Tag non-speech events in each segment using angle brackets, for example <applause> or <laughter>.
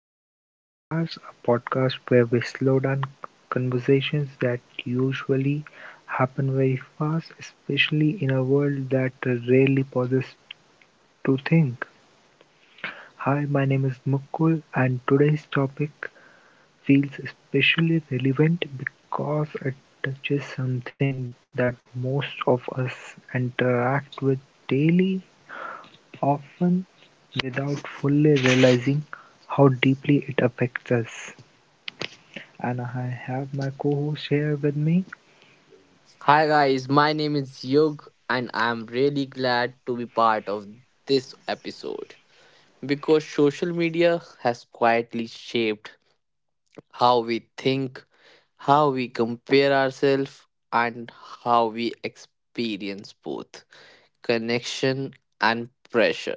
welcome to Office Hours, a podcast where we slow down conversations that usually happen very fast, especially in a world that rarely pauses to think. Hi, my name is Mukul and today's topic feels especially relevant because it touches something that most of us interact with daily, often without fully realizing how deeply it affects us. And I have my co host here with me. Hi guys, my name is Yug and I'm really glad to be part of this episode because social media has quietly shaped how we think, how we compare ourselves and how we experience both connection and pressure.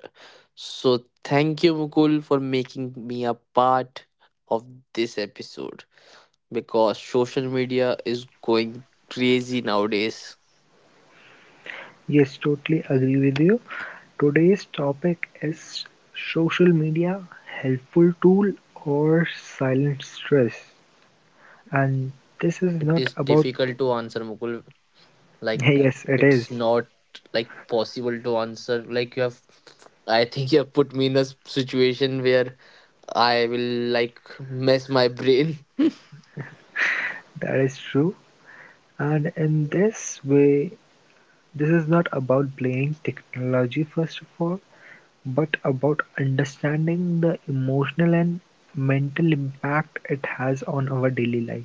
So thank you Mukul for making me a part of this episode because social media is going crazy nowadays. Yes, totally agree with you. Today's topic is social media, helpful tool or silent stress. And this is It not is about, difficult to answer, Mukul. <laughs> Like yes, it is. it's not like possible to answer. Like you have, I think you have put me in a situation where I will like mess my brain. <laughs> That is true. And in this way, this is not about blaming technology first of all, but about understanding the emotional and mental impact it has on our daily life.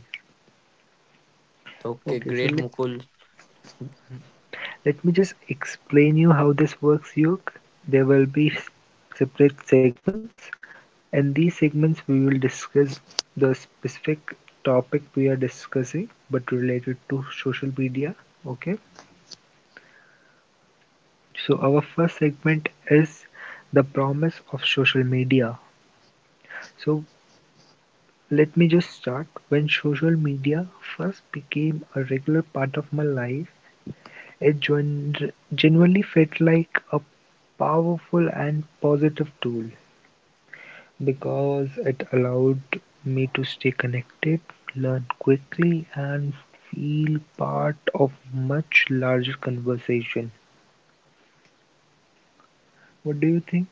Okay, Okay, so great, Mukul. let me just explain you how this works, Yuk. There will be separate segments. And these segments, we will discuss the specific topic we are discussing, but related to social media. Okay, so our first segment is the promise of social media. So let me just start. When social media first became a regular part of my life, it genuinely felt like a powerful and positive tool because it allowed me to stay connected, learn quickly, and feel part of much larger conversation. What do you think?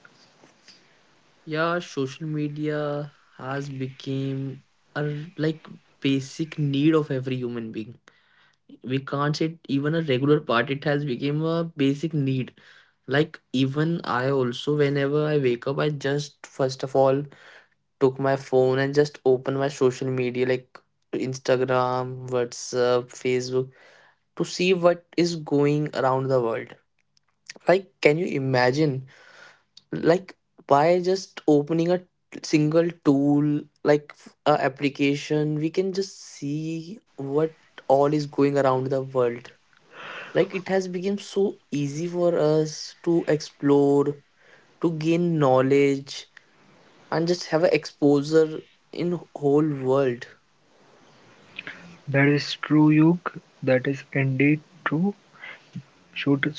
Yeah, social media has become like basic need of every human being. We can't say it even a regular part, it has become a basic need. Like even I also, whenever I wake up, I just first of all took my phone and just opened my social media like Instagram, WhatsApp, Facebook to see what is going around the world. Like, can you imagine? Like, by just opening a single tool, a application, we can just see what all is going around the world. Like, it has become so easy for us to explore, to gain knowledge, and just have an exposure in whole world. That is true, Yug. That is indeed true. Should-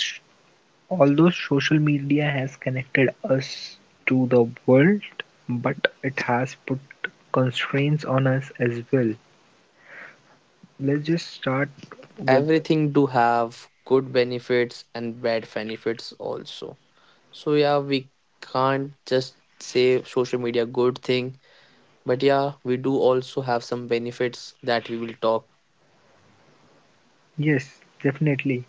Although social media has connected us to the world, but it has put constraints on us as well. Let's just start with Everything do have good benefits and bad benefits also, so yeah, we can't just say social media good thing, but yeah we do also have some benefits that we will talk. yes, definitely.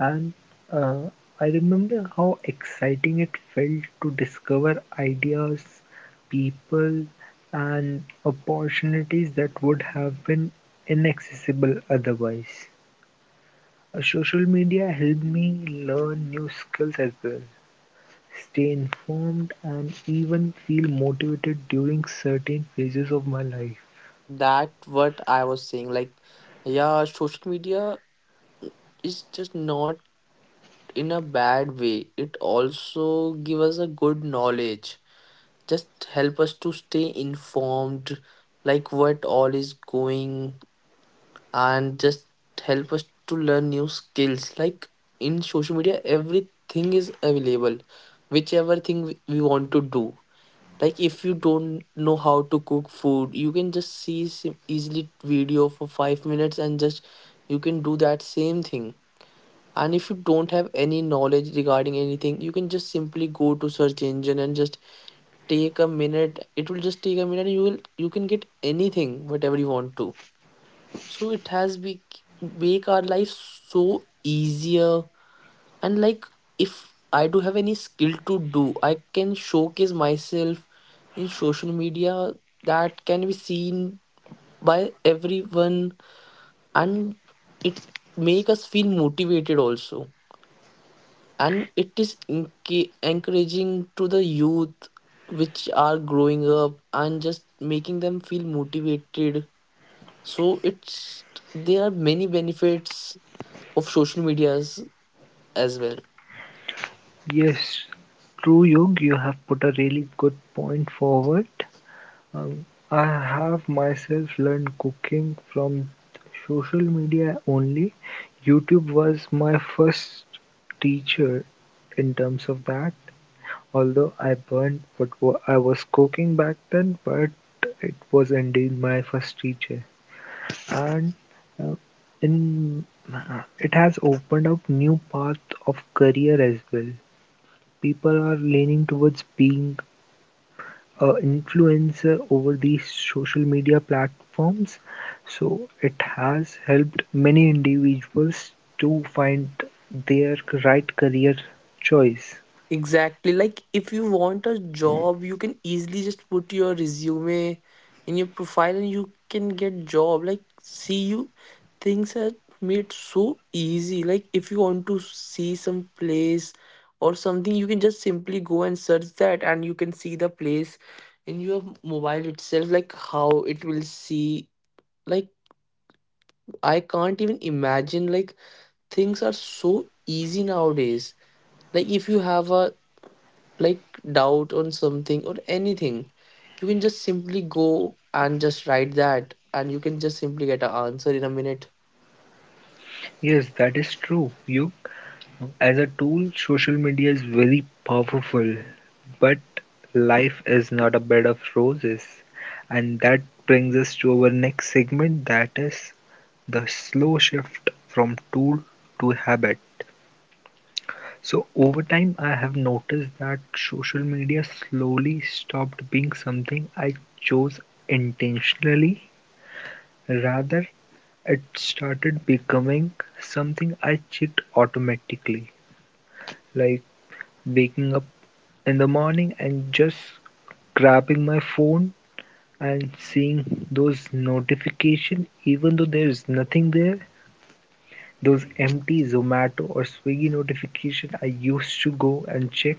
And uh, I remember how exciting it felt to discover ideas, people, and opportunities that would have been inaccessible otherwise. Social media helped me learn new skills as well. Stay informed and even feel motivated during certain phases of my life. That what I was saying, like yeah, social media is just not in a bad way, it also give us a good knowledge, just help us to stay informed, like what all is going, and just help us to learn new skills. Like in social media everything is available, whichever thing we want to do. Like if you don't know how to cook food, you can just see easily video for 5 minutes and just you can do that same thing. And if you don't have any knowledge regarding anything, you can just simply go to search engine and just take a minute, it will just take a minute and you will, you can get anything whatever you want to. So it has be, make our life so easier. And like if I do have any skill to do, I can showcase myself in social media that can be seen by everyone. And it make us feel motivated also, and it is encouraging to the youth which are growing up and just making them feel motivated. So it's, there are many benefits of social medias as well. Yes, true, Yog, you have put a really good point forward. Um, I have myself learned cooking from social media only. YouTube was my first teacher in terms of that. Although I burnt what I was cooking back then, but it was indeed my first teacher. And uh, in it has opened up new path of career as well. People are leaning towards being a influencer over these social media platforms, so it has helped many individuals to find their right career choice. Exactly. Like if you want a job, you can easily just put your resume in your profile and you can get job. Like, see, you, things are made so easy. Like if you want to see some place or something, you can just simply go and search that and you can see the place in your mobile itself, like how it will see. Like, I can't even imagine, like things are so easy nowadays. Like if you have a, like doubt on something or anything, you can just simply go and just write that and you can just simply get an answer in a minute. Yes, that is true. You, as a tool, social media is very powerful, but life is not a bed of roses. And that brings us to our next segment, that is the slow shift from tool to habit. So, over time, I have noticed that social media slowly stopped being something I chose intentionally. Rather, it started becoming something I checked automatically. Like, waking up in the morning and just grabbing my phone and seeing those notification even though there is nothing there, those empty Zomato or Swiggy notification I used to go and check.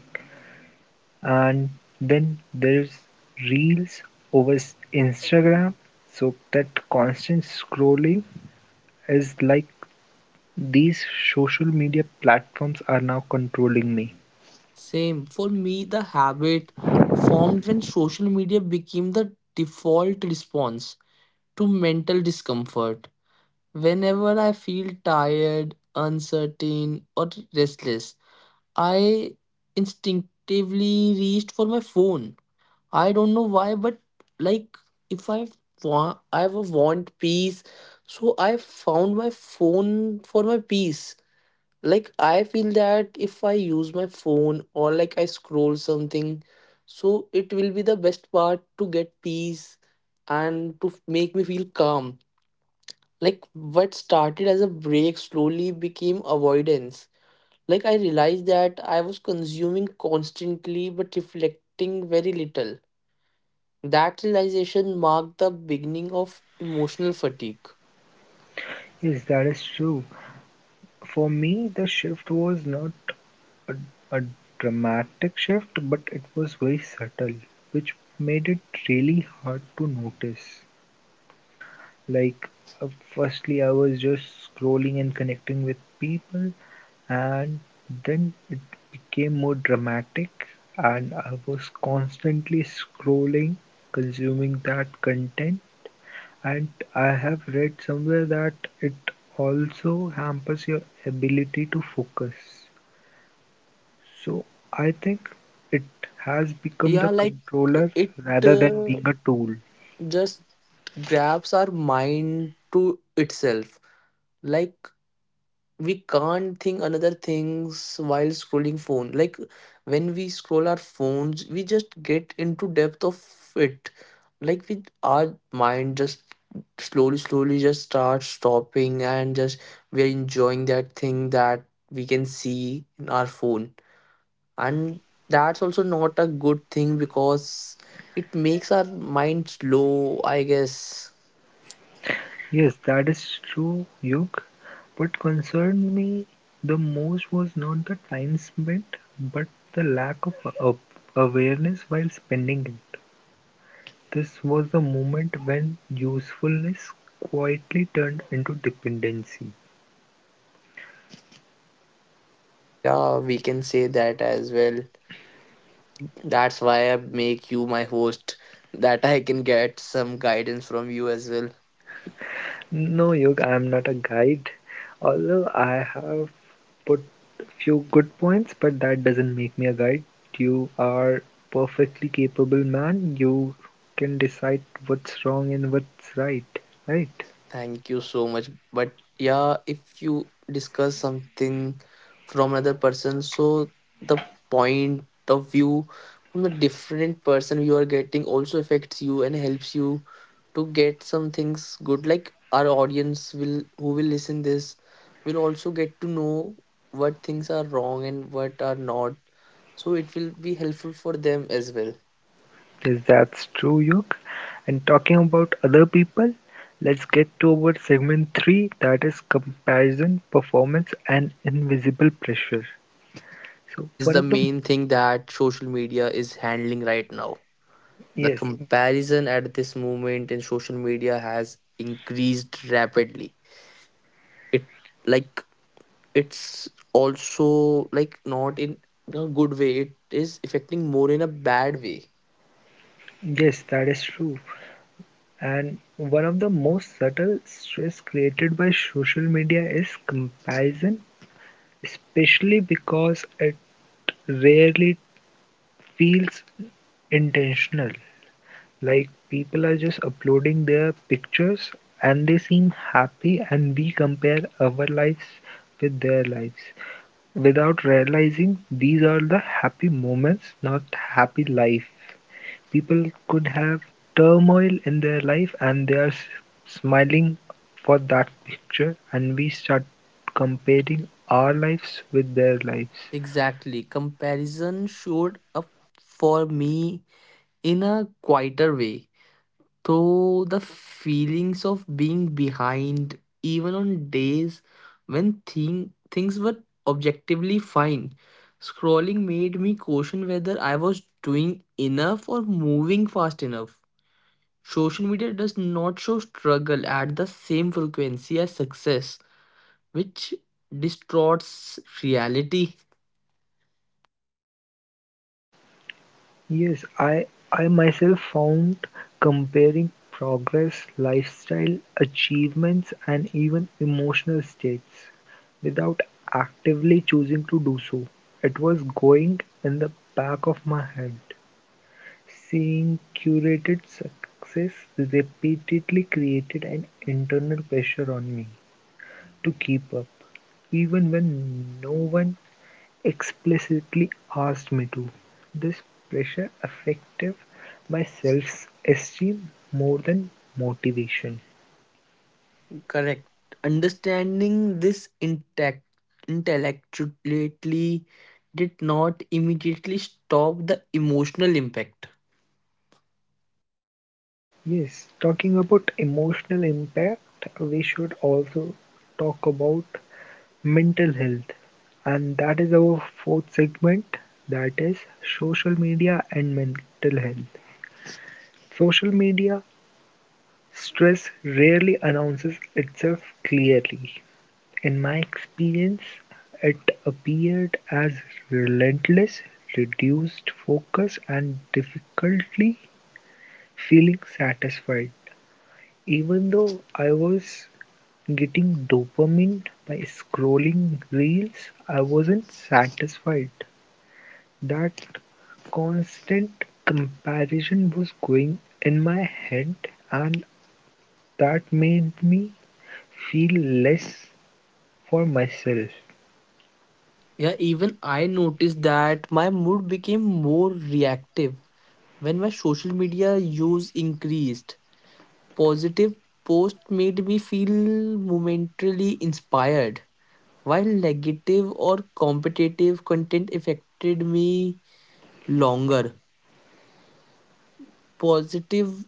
And then there's reels over Instagram, so that constant scrolling is like these social media platforms are now controlling me. Same for me, the habit formed when social media became the default response to mental discomfort. Whenever I feel tired, uncertain or restless, I instinctively reached for my phone. I don't know why, but like if I want, I want peace, so I found my phone for my peace. Like I feel that if I use my phone or like I scroll something, so it will be the best part to get peace and to make me feel calm. Like what started as a break slowly became avoidance. Like I realized that I was consuming constantly but reflecting very little. That realization marked the beginning of emotional fatigue. Yes, that is true. For me, the shift was not a, a dramatic shift, but it was very subtle, which made it really hard to notice. Like, uh, firstly, I was just scrolling and connecting with people, and then it became more dramatic, and I was constantly scrolling, consuming that content. And I have read somewhere that it also hampers your ability to focus. So I think it has become the Yeah, like controller it, rather than uh, being a tool. just grabs our mind to itself. Like we can't think another things while scrolling phone. Like when we scroll our phones, we just get into depth of it. Like we, our mind just slowly just starts stopping and just we are enjoying that thing that we can see in our phone. And that's also not a good thing because it makes our mind slow, I guess. Yes, that is true, Yug. What concerned me the most was not the time spent, but the lack of awareness while spending it. This was the moment when usefulness quietly turned into dependency. Yeah, we can say that as well. That's why I make you my host, that I can get some guidance from you as well. No, Yog, I am not a guide. Although I have put few good points, but that doesn't make me a guide. You are perfectly capable man. You can decide what's wrong and what's right. Right? Thank you so much. But yeah, if you discuss something from another person, so the point of view from the different person you are getting also affects you and helps you to get some things good. Like our audience will, who will listen this, will also get to know what things are wrong and what are not. So it will be helpful for them as well. Yes, that's true, Yog. And talking about other people, let's get to our segment three, that is comparison, performance, and invisible pressure. So This is one the of the main thing that social media is handling right now. The yes, comparison at this moment in social media has increased rapidly. It, like it's also like not in a good way. It is affecting more in a bad way. yes, that is true. And one of the most subtle stress created by social media is comparison, especially because it rarely feels intentional. Like people are just uploading their pictures and they seem happy, and we compare our lives with their lives without realizing these are the happy moments, not happy life. People could have turmoil in their life and they're smiling for that picture and we start comparing our lives with their lives. Exactly. Comparison showed up for me in a quieter way. Though the feelings of being behind even on days when things were objectively fine, scrolling made me question whether I was doing enough or moving fast enough. Social media does not show struggle at the same frequency as success, which distorts reality. Yes, I myself found comparing progress, lifestyle, achievements and even emotional states without actively choosing to do so. It was going in the back of my head. Seeing curated success repeatedly created an internal pressure on me to keep up, even when no one explicitly asked me to. This pressure affected my self-esteem more than motivation. Correct. Understanding this intact intellectually did not immediately stop the emotional impact. Yes, talking about emotional impact, we should also talk about mental health, and that is our fourth segment, that is social media and mental health. Social media stress rarely announces itself clearly. In my experience, it appeared as relentless, reduced focus, and difficulty feeling satisfied. Even though I was getting dopamine by scrolling reels, I wasn't satisfied. That constant comparison was going in my head, and that made me feel less for myself. Yeah, even I noticed that my mood became more reactive when my social media use increased. Positive posts made me feel momentarily inspired, while negative or competitive content affected me longer. Positive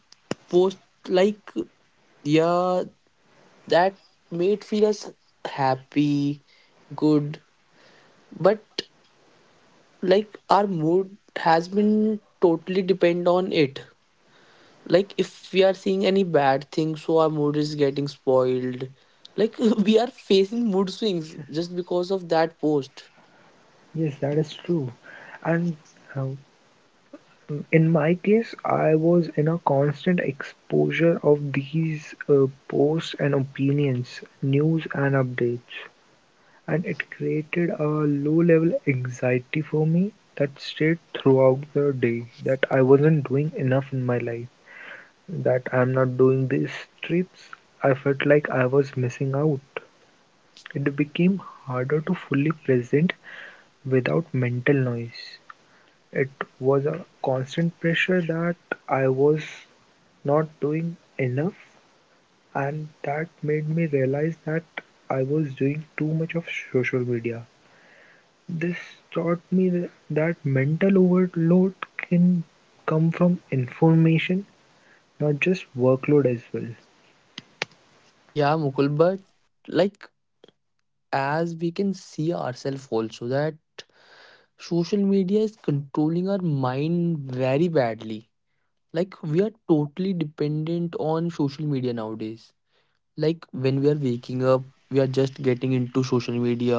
posts, like yeah, that made feel us happy, good, but like our mood has been totally depend on it. Like if we are seeing any bad thing, so our mood is getting spoiled, like <laughs> we are facing mood swings just because of that post. Yes, that is true. And uh, in my case, I was in a constant exposure of these posts and opinions, news and updates. And it created a low-level anxiety for me that stayed throughout the day, that I wasn't doing enough in my life, that I'm not doing these trips. I felt like I was missing out. It became harder to fully present without mental noise. It was a constant pressure that I was not doing enough, and that made me realize that I was doing too much of social media. This taught me that mental overload can come from information, not just workload as well. Yeah, Mukul, but like as we can see ourselves also that social media is controlling our mind very badly. Like we are totally dependent on social media nowadays. Like when we are waking up, we are just getting into social media.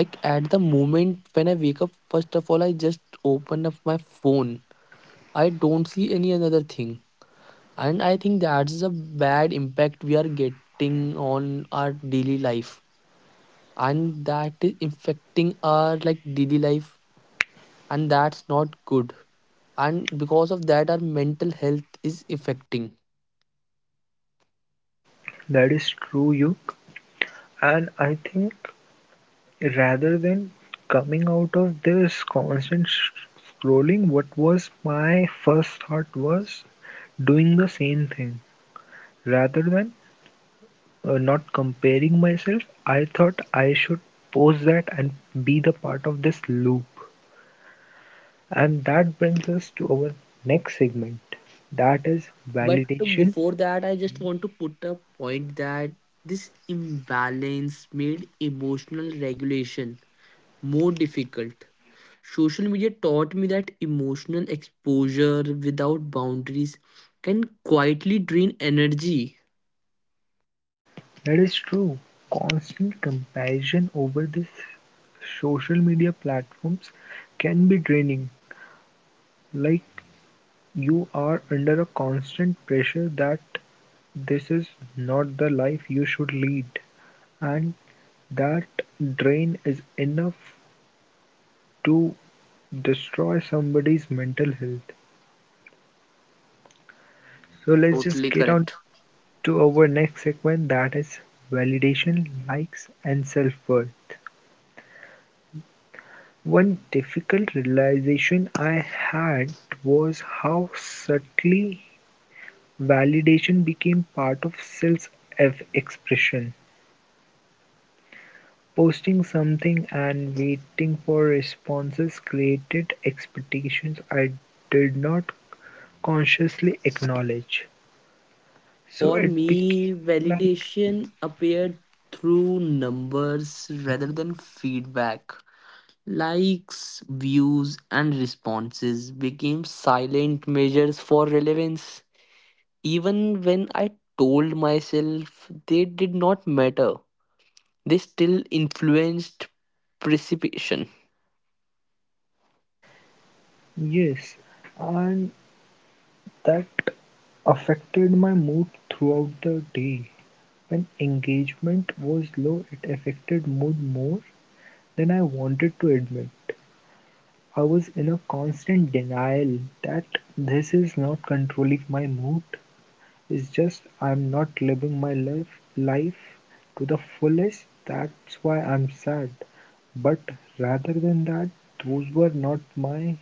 Like at the moment when I wake up, first of all, I just open up my phone. I don't see any another thing. And I think that's a bad impact we are getting on our daily life. And that is affecting our like daily life. And that's not good. And because of that, our mental health is affecting. That is true, you. And I think rather than coming out of this constant scrolling, what was my first thought was doing the same thing. Rather than not comparing myself, I thought I should post that and be the part of this loop. And that brings us to our next segment, that is But validation. before that, I just want to put a point that this imbalance made emotional regulation more difficult. Social media taught me that emotional exposure without boundaries can quietly drain energy. That is true. Constant comparison over this social media platforms can be draining. Like you are under a constant pressure that this is not the life you should lead, and that drain is enough to destroy somebody's mental health. So let's just Totally get on correct. to our next segment, that is validation, likes and self-worth. One difficult realization I had was how subtly validation became part of self-expression. Posting something and waiting for responses created expectations I did not consciously acknowledge. So For it me, became like, validation appeared through numbers rather than feedback. Likes, views, and responses became silent measures for relevance. Even when I told myself they did not matter, they still influenced precipitation. yes, and that affected my mood throughout the day. When engagement was low, it affected mood more than I wanted to admit. I was in a constant denial that this is not controlling my mood. It's just I'm not living my life to the fullest. That's why I'm sad. But rather than that, those were not my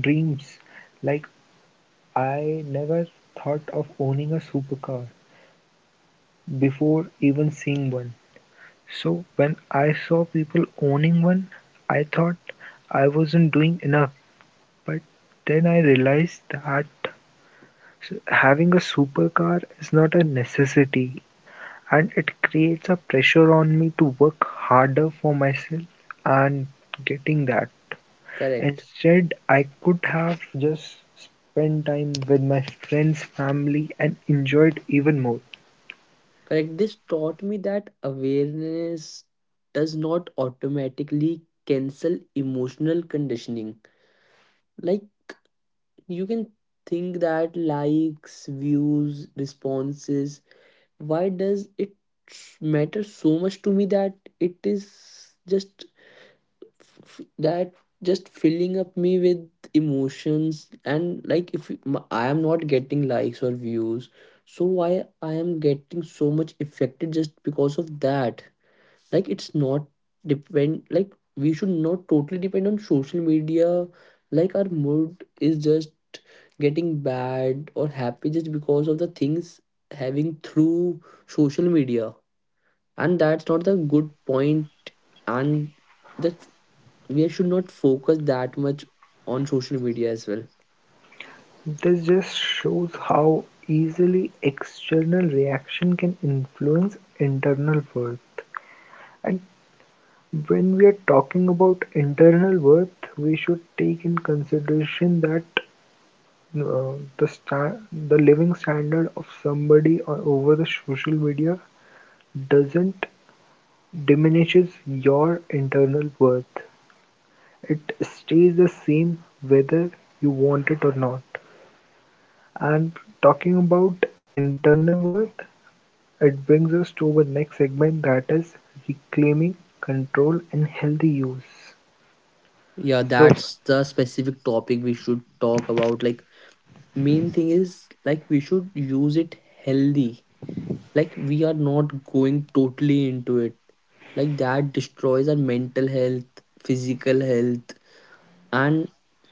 dreams. Like I never thought of owning a supercar before even seeing one. So when I saw people owning one, I thought I wasn't doing enough. But then I realized that having a supercar is not a necessity and it creates a pressure on me to work harder for myself and getting that. Correct. Instead, I could have just spent time with my friends, family, and enjoyed even more. Correct. This taught me that awareness does not automatically cancel emotional conditioning. Like, you can think that likes, views, responses, why does it matter so much to me that it is just that just filling up me with emotions. And like if I am not getting likes or views, so why I am getting so much affected just because of that. Like it's not depend, like we should not totally depend on social media. Like our mood is just getting bad or happy just because of the things having through social media, and that's not the good point. And that we should not focus that much on social media as well. This just shows how easily external reaction can influence internal worth. And when we are talking about internal worth, we should take in consideration that uh, the sta- the living standard of somebody over the social media doesn't diminishes your internal worth. It stays the same whether you want it or not. And talking about internal worth, it brings us to our next segment, that is reclaiming control and healthy use. Yeah, So, that's the specific topic we should talk about. Like main thing is like we should use it healthy, like we are not going totally into it, like that destroys our mental health, physical health, and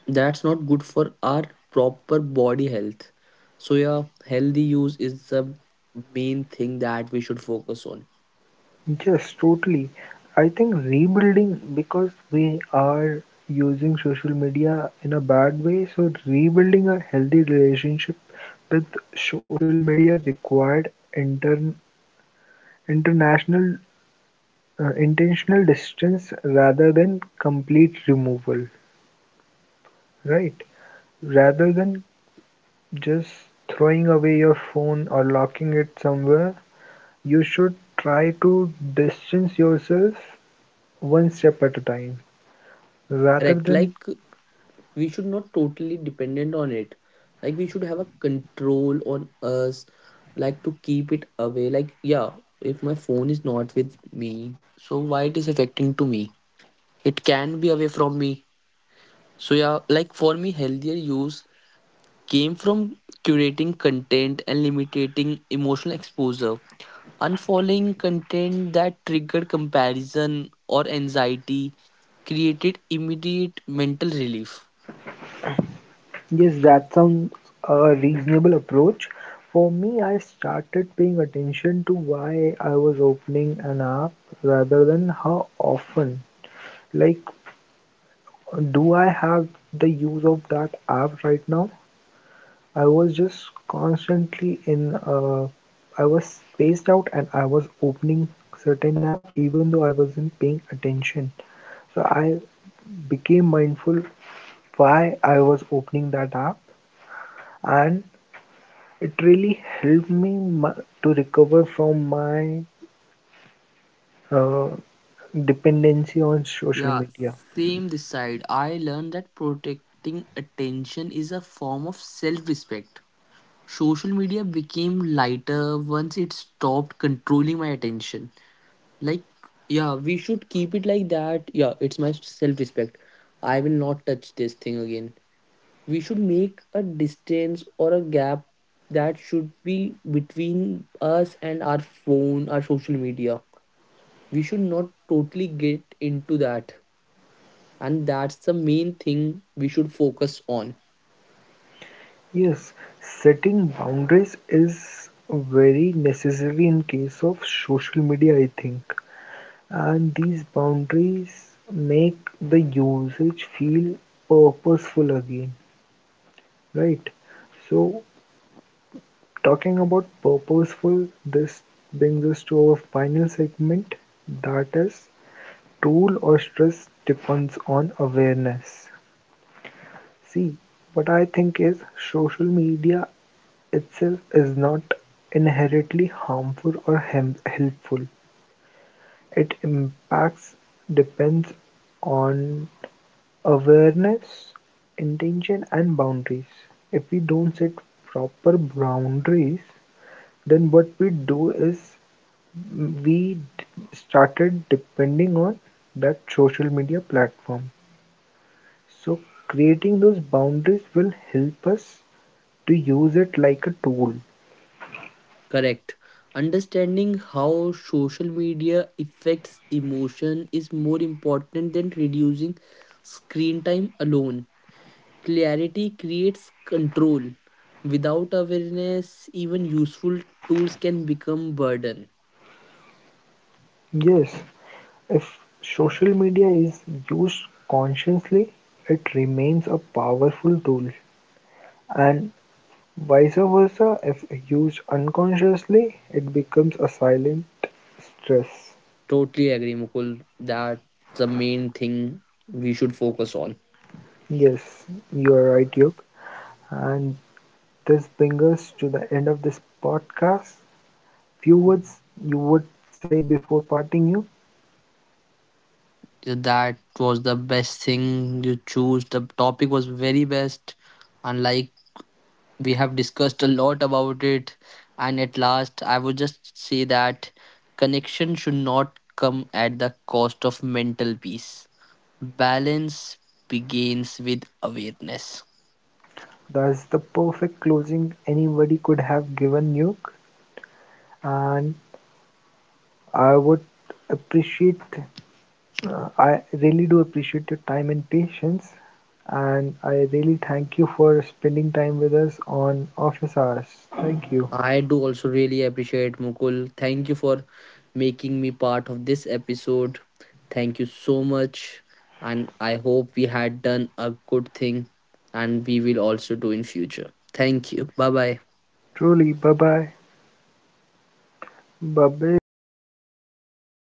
that's not good for our proper body health. So yeah, healthy use is the main thing that we should focus on. yes, totally. I think rebuilding because we are using social media in a bad way. So, rebuilding a healthy relationship with social media required intern international intentional distance rather than complete removal, right? Rather than just throwing away your phone or locking it somewhere. You should try to distance yourself one step at a time rather Correct. than. Like we should not totally dependent on it. Like we should have a control on us, like to keep it away. Like yeah, if my phone is not with me, so why it is affecting to me? It can be away from me. So yeah, like for me, healthier use came from curating content and limiting emotional exposure. Unfollowing content that triggered comparison or anxiety created immediate mental relief. Yes, that sounds a reasonable approach. For me, I started paying attention to why I was opening an app rather than how often. Like, do I have the use of that app right now? I was just constantly in I was spaced out and I was opening certain apps even though I wasn't paying attention. So I became mindful why I was opening that app and it really helped me to recover from my uh, dependency on social Yeah, media. same this side. I learned that protecting attention is a form of self respect. Social media became lighter once it stopped controlling my attention. Like yeah, we should keep it like that. Yeah, it's my self respect, I will not touch this thing again. We should make a distance or a gap that should be between us and our phone, our social media. We should not totally get into that, and that's the main thing we should focus on. Yes, setting boundaries is very necessary in case of social media, I think. And these boundaries make the usage feel purposeful again, right? So, talking about purposeful, this brings us to our final segment, that is, tool or stress depends on awareness. See, what I think is social media itself is not inherently harmful or helpful. It impacts depends on awareness, intention and boundaries. If we don't set proper boundaries, then what we do is we d- started depending on that social media platform. So creating those boundaries will help us to use it like a tool. Correct. Understanding how social media affects emotion is more important than reducing screen time alone. Clarity creates control. Without awareness, even useful tools can become burden. Yes, if social media is used consciously, it remains a powerful tool and vice versa, if used unconsciously, it becomes a silent stress. Totally agree, Mukul. That's the main thing we should focus on. Yes, you are right, Yug. And this brings us to the end of this podcast. Few words you would say before parting, Yug. That was the best thing you choose. The topic was very best. Unlike, we have discussed a lot about it. And at last, I would just say that connection should not come at the cost of mental peace. Balance begins with awareness. That's the perfect closing anybody could have given, Yug. And I would appreciate I really do appreciate your time and patience, and I really thank you for spending time with us on office hours. Thank you. I do also really appreciate Mukul. Thank you for making me part of this episode. Thank you so much. And I hope we had done a good thing and we will also do in future. Thank you. Bye bye. Truly, bye bye. Bye bye,